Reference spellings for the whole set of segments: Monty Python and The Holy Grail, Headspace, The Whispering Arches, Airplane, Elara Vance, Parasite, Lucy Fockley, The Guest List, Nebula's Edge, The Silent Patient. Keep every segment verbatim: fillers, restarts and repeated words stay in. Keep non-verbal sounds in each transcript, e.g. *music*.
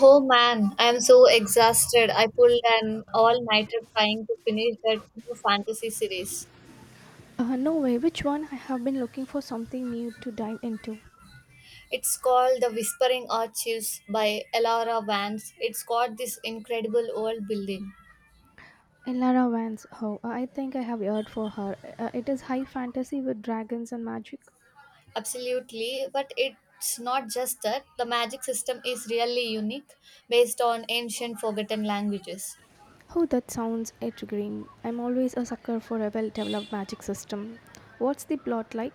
Oh man, I'm so exhausted. I pulled an all-nighter trying to finish that new fantasy series. Uh, no way. Which one? I have been looking for something new to dive into. It's called The Whispering Arches by Elara Vance. It's got this incredible world building. Elara Vance. Oh, uh, I think I have heard for her. Uh, it is high fantasy with dragons and magic. Absolutely, but it's not just that. The magic system is really unique, based on ancient forgotten languages. Oh, that sounds intriguing. I'm always a sucker for a well-developed magic system. What's the plot like?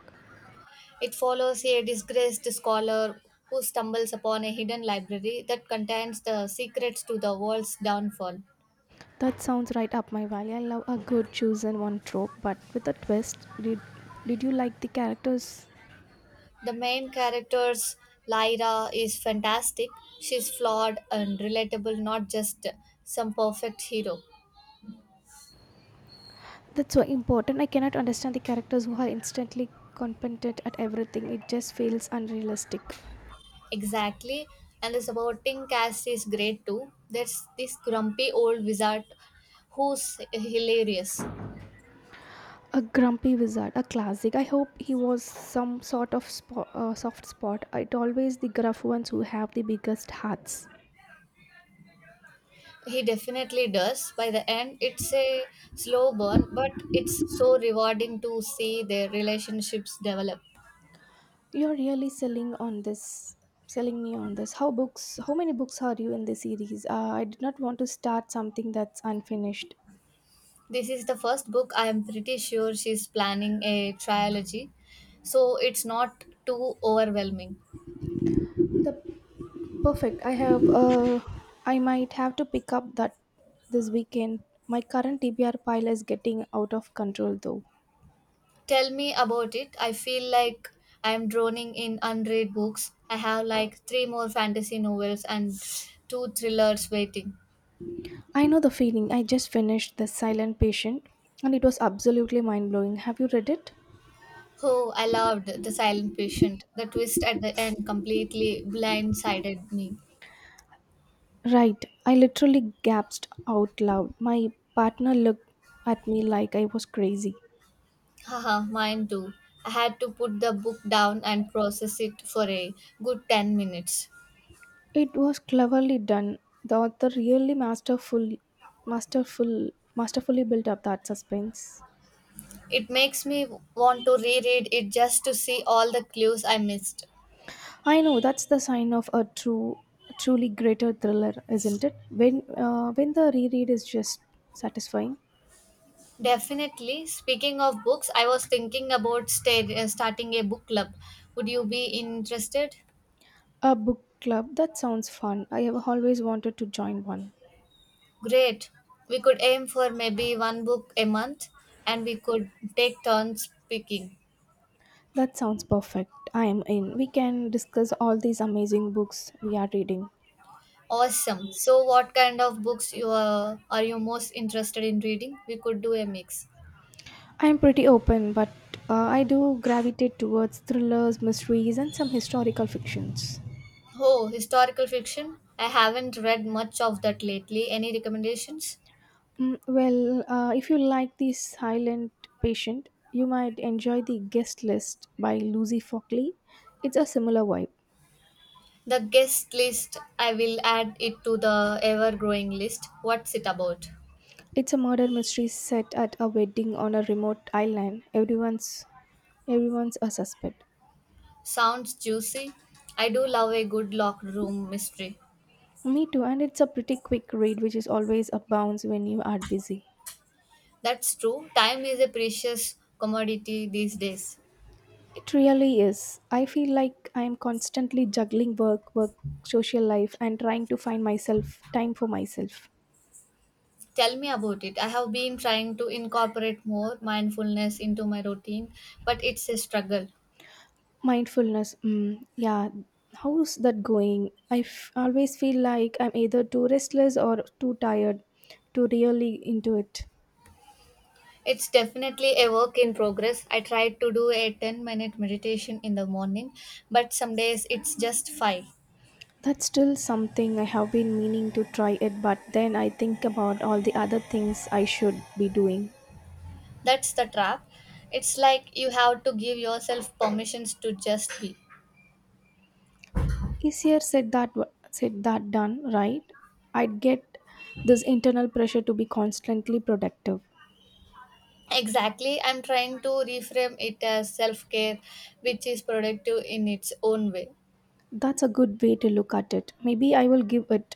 It follows a disgraced scholar who stumbles upon a hidden library that contains the secrets to the world's downfall. That sounds right up my valley. I love a good chosen one trope, but with a twist. Did Did you like the characters? The main character's Lyra is fantastic. She's flawed and relatable, not just some perfect hero. That's so important. I cannot understand the characters who are instantly competent at everything. It just feels unrealistic. Exactly. And the supporting cast is great too. There's this grumpy old wizard who's hilarious. A grumpy wizard, a classic. I hope he was some sort of spo- uh, soft spot. It always the gruff ones who have the biggest hearts. He definitely does. By the end, it's a slow burn, but it's so rewarding to see their relationships develop. You're really selling on this, selling me on this. How books? How many books are you in the series? Uh, I did not want to start something that's unfinished. This is the first book. I am pretty sure she's planning a trilogy, so it's not too overwhelming. The perfect. I have. Uh, I might have to pick up that this weekend. My current T B R pile is getting out of control though. Tell me about it. I feel like I am droning in unread books. I have like three more fantasy novels and two thrillers waiting. I know the feeling. I just finished The Silent Patient and it was absolutely mind blowing. Have you read it? Oh, I loved The Silent Patient. The twist at the end completely blindsided me. Right. I literally gasped out loud. My partner looked at me like I was crazy. Haha, mine too. I had to put the book down and process it for a good ten minutes. It was cleverly done. The author really masterful, masterful, masterfully built up that suspense. It makes me want to reread it just to see all the clues I missed. I know that's the sign of a true, truly greater thriller, isn't it? When uh, when the reread is just satisfying. Definitely. Speaking of books, I was thinking about sta- uh, starting a book club. Would you be interested? A book club? That sounds fun. I have always wanted to join one. Great. We could aim for maybe one book a month and we could take turns picking. That sounds perfect. I am in. We can discuss all these amazing books we are reading. Awesome. So what kind of books you are, are you most interested in reading? We could do a mix. I am pretty open, but uh, I do gravitate towards thrillers, mysteries, and some historical fictions. Oh, historical fiction? I haven't read much of that lately. Any recommendations? Mm, well, uh, if you like The Silent Patient, you might enjoy The Guest List by Lucy Fockley. It's a similar vibe. The guest list, I will add it to the ever growing list. What's it about? It's a murder mystery set at a wedding on a remote island. Everyone's everyone's a suspect. Sounds juicy. I do love a good locked room mystery. Me too, and it's a pretty quick read, which is always a bounce when you are busy. That's true. Time is a precious commodity these days. It really is. I feel like I am constantly juggling work, work, social life, and trying to find myself time for myself. Tell me about it. I have been trying to incorporate more mindfulness into my routine, but it's a struggle. Mindfulness, mm, yeah. How's that going? I f- always feel like I'm either too restless or too tired to really into it. It's definitely a work in progress. I tried to do a ten minute meditation in the morning, but some days it's just five. That's still something I have been meaning to try it, but then I think about all the other things I should be doing. That's the trap. It's like you have to give yourself permissions to just be. Easier said that said that done, right? I'd get this internal pressure to be constantly productive. Exactly. I'm trying to reframe it as self-care, which is productive in its own way. That's a good way to look at it. Maybe I will give it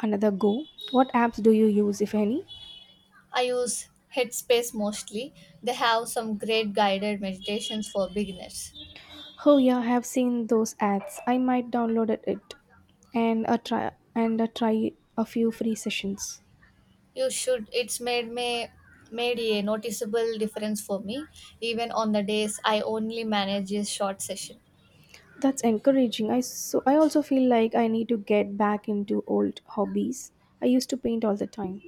another go. What apps do you use, if any? I use headspace mostly. They have some great guided meditations for beginners. Oh yeah, I have seen those ads. I might download it it and a try and a try a few free sessions. You should. It's made me made a noticeable difference for me, even on the days I only manage a short session. That's encouraging. I so I also feel like I need to get back into old hobbies. I used to paint all the time,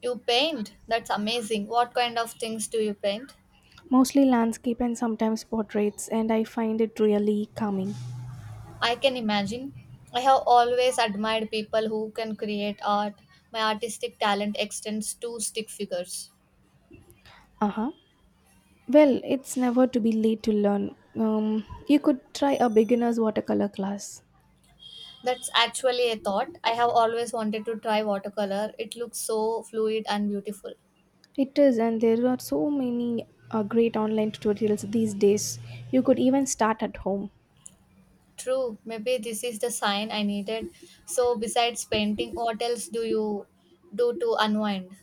You paint? That's amazing. What kind of things do you paint? mostly landscape and sometimes portraits, and I find it really calming. I can imagine. I have always admired people who can create art. My artistic talent extends to stick figures. Uh huh. Well, it's never to be late to learn. Um, you could try a beginner's watercolor class. That's actually a thought. I have always wanted to try watercolor. It looks so fluid and beautiful. It is, and there are so many uh, great online tutorials these days. You could even start at home. True, maybe this is the sign I needed. So, besides painting, what else do you do to unwind?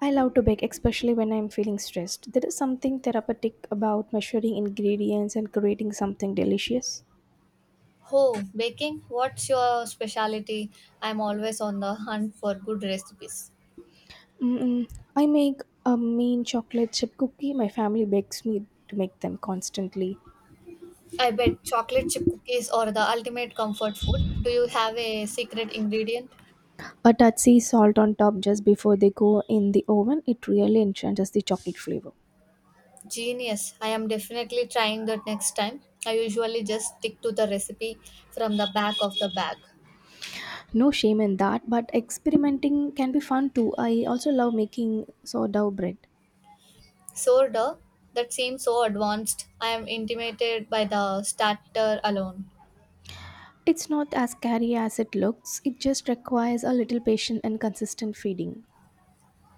I love to bake, especially when I'm feeling stressed. There is something therapeutic about measuring ingredients and creating something delicious. Oh, baking? What's your specialty? I'm always on the hunt for good recipes. Mm-mm. I make a mean chocolate chip cookie. My family begs me to make them constantly. I bet chocolate chip cookies are the ultimate comfort food. Do you have a secret ingredient? A touchy salt on top just before they go in the oven. It really enhances the chocolate flavor. Genius. I am definitely trying that next time. I usually just stick to the recipe from the back of the bag. No shame in that, but experimenting can be fun too. I also love making sourdough bread. Sourdough? That seems so advanced. I am intimidated by the starter alone. It's not as scary as it looks. It just requires a little patience and consistent feeding.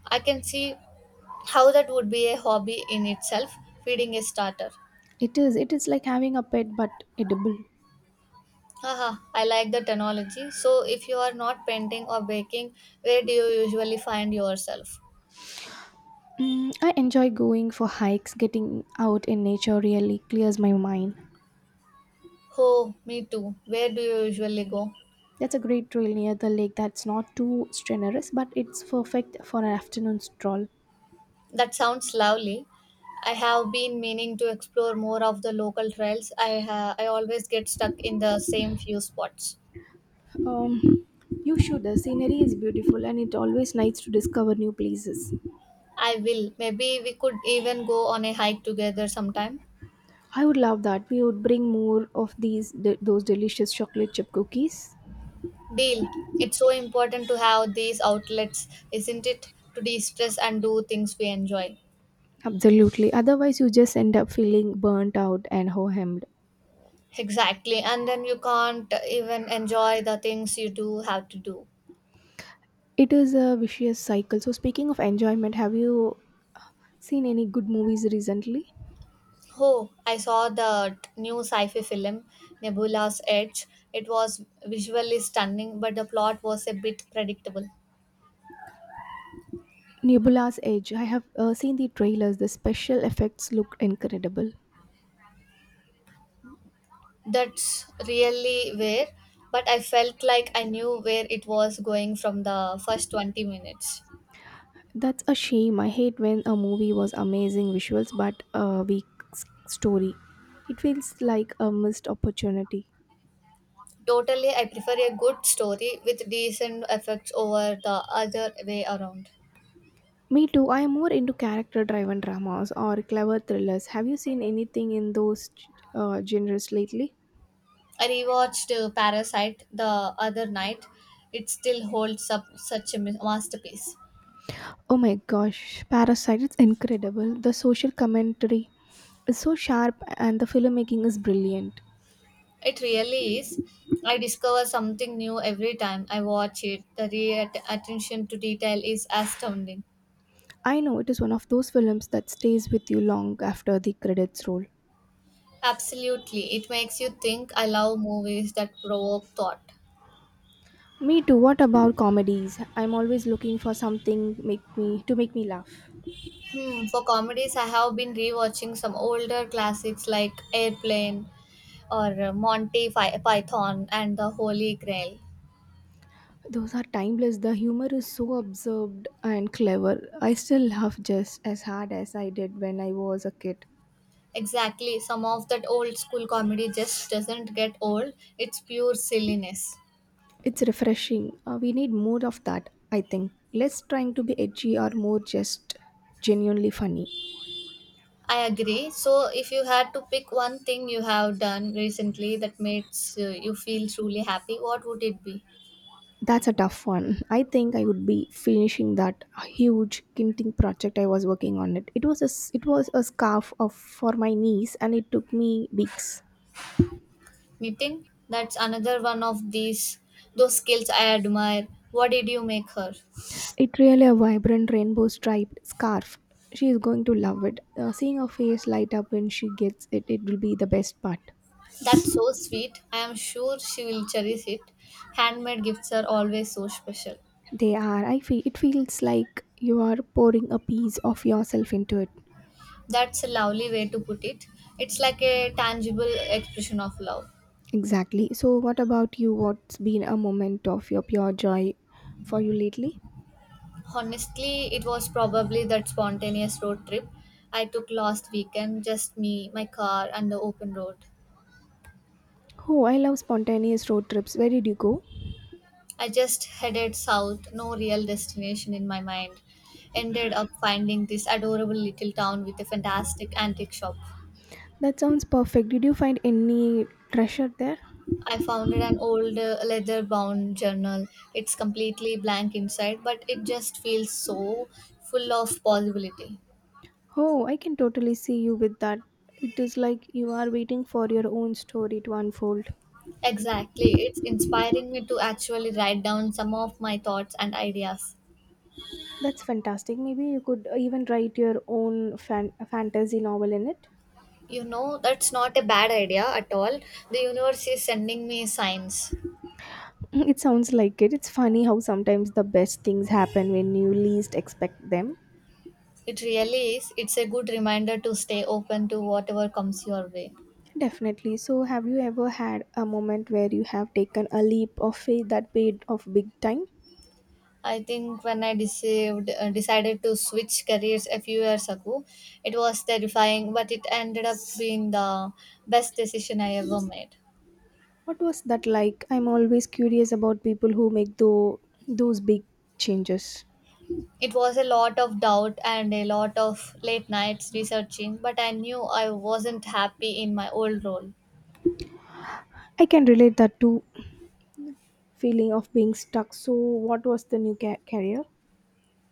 I can see how that would be a hobby in itself, feeding a starter. It is. It is like having a pet but edible. Haha, I like the technology. So, if you are not painting or baking, where do you usually find yourself? Mm, I enjoy going for hikes. Getting out in nature really clears my mind. Oh, me too. Where do you usually go? That's a great trail near the lake that's not too strenuous, but it's perfect for an afternoon stroll. That sounds lovely. I have been meaning to explore more of the local trails. I ha- I always get stuck in the same few spots. Um, you should. The scenery is beautiful and it's always nice to discover new places. I will. Maybe we could even go on a hike together sometime. I would love that. We would bring more of these de- those delicious chocolate chip cookies. Deal. It's so important to have these outlets, isn't it? To de-stress and do things we enjoy. Absolutely. Otherwise, you just end up feeling burnt out and ho-hemmed. Exactly. And then you can't even enjoy the things you do have to do. It is a vicious cycle. So, speaking of enjoyment, have you seen any good movies recently? Oh, I saw the t- new sci-fi film Nebula's Edge. It was visually stunning, but the plot was a bit predictable. Nebula's Edge. I have uh, seen the trailers. The special effects look incredible. That's really where, but I felt like I knew where it was going from the first twenty minutes. That's a shame. I hate when a movie was amazing visuals but a weak s- story. It feels like a missed opportunity. Totally, I prefer a good story with decent effects over the other way around. Me too. I am more into character driven dramas or clever thrillers. Have you seen anything in those uh, genres lately? I rewatched uh, Parasite the other night. It still holds up such a ma- masterpiece. Oh my gosh, Parasite, it's incredible. The social commentary is so sharp and the filmmaking is brilliant. It really is. I discover something new every time I watch it. The re- attention to detail is astounding. I know it is one of those films that stays with you long after the credits roll. Absolutely. It makes you think. I love movies that provoke thought. Me too. What about comedies? I'm always looking for something make me to make me laugh. Hmm, for comedies, I have been rewatching some older classics like Airplane or uh, Monty Py- Python and The Holy Grail. Those are timeless. The humor is so absurd and clever. I still laugh just as hard as I did when I was a kid. Exactly. Some of that old school comedy just doesn't get old. It's pure silliness. It's refreshing. Uh, we need more of that, I think. Less trying to be edgy or more just genuinely funny. I agree. So, if you had to pick one thing you have done recently that makes uh, you feel truly happy, what would it be? That's a tough one. I think I would be finishing that huge kinting project I was working on it. It was a s- it was a scarf of for my niece and it took me weeks. Knitting? That's another one of these those skills I admire. What did you make her? It really a vibrant rainbow striped scarf. She is going to love it. Uh, seeing her face light up when she gets it, it will be the best part. That's so sweet. I am sure she will cherish it. Handmade gifts are always so special. They are. I feel it feels like you are pouring a piece of yourself into it. That's a lovely way to put it. It's like a tangible expression of love. Exactly. So, what about you? What's been a moment of your pure joy for you lately? Honestly, it was probably that spontaneous road trip I took last weekend, just me, my car, and the open road. Oh, I love spontaneous road trips. Where did you go? I just headed south, no real destination in my mind. Ended up finding this adorable little town with a fantastic antique shop. That sounds perfect. Did you find any treasure there? I found an old uh, leather bound journal. It's completely blank inside, but it just feels so full of possibility. Oh, I can totally see you with that. It is like you are waiting for your own story to unfold. Exactly. It's inspiring me to actually write down some of my thoughts and ideas. That's fantastic. Maybe you could even write your own fan- fantasy novel in it. You know, that's not a bad idea at all. The universe is sending me signs. *laughs* It sounds like it. It's funny how sometimes the best things happen when you least expect them. It really is. It's a good reminder to stay open to whatever comes your way. Definitely. So, have you ever had a moment where you have taken a leap of faith that paid off big time? I think when I deceived, uh, decided to switch careers a few years ago, it was terrifying, but it ended up being the best decision I ever made. What was that like? I'm always curious about people who make tho- those big changes. It was a lot of doubt and a lot of late nights researching, but I knew I wasn't happy in my old role. I can relate that to feeling of being stuck. So, what was the new ca- career?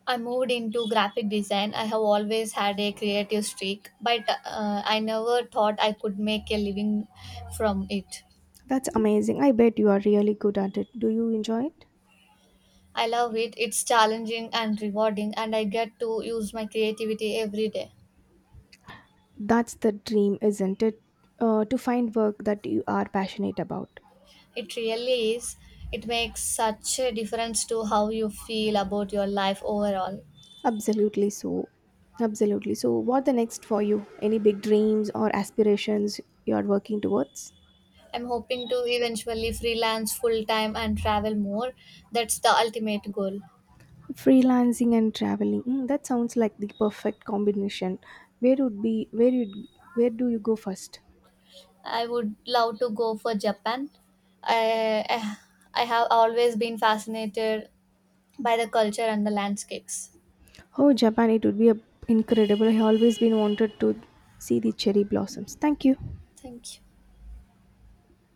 I moved into graphic design. I have always had a creative streak, but uh, I never thought I could make a living from it. That's amazing. I bet you are really good at it. Do you enjoy it? I love it. It's challenging and rewarding, and I get to use my creativity every day. That's the dream, isn't it? Uh, to find work that you are passionate about. It really is. It makes such a difference to how you feel about your life overall. Absolutely so. Absolutely. So, what the next for you? Any big dreams or aspirations you are working towards? I'm hoping to eventually freelance full time and travel more. That's the ultimate goal. Freelancing and traveling. Mm, that sounds like the perfect combination. Where would be where you Where do you go first? I would love to go for Japan. I, I I have always been fascinated by the culture and the landscapes. Oh, Japan! It would be a, incredible. I always been wanted to see the cherry blossoms. Thank you. Thank you.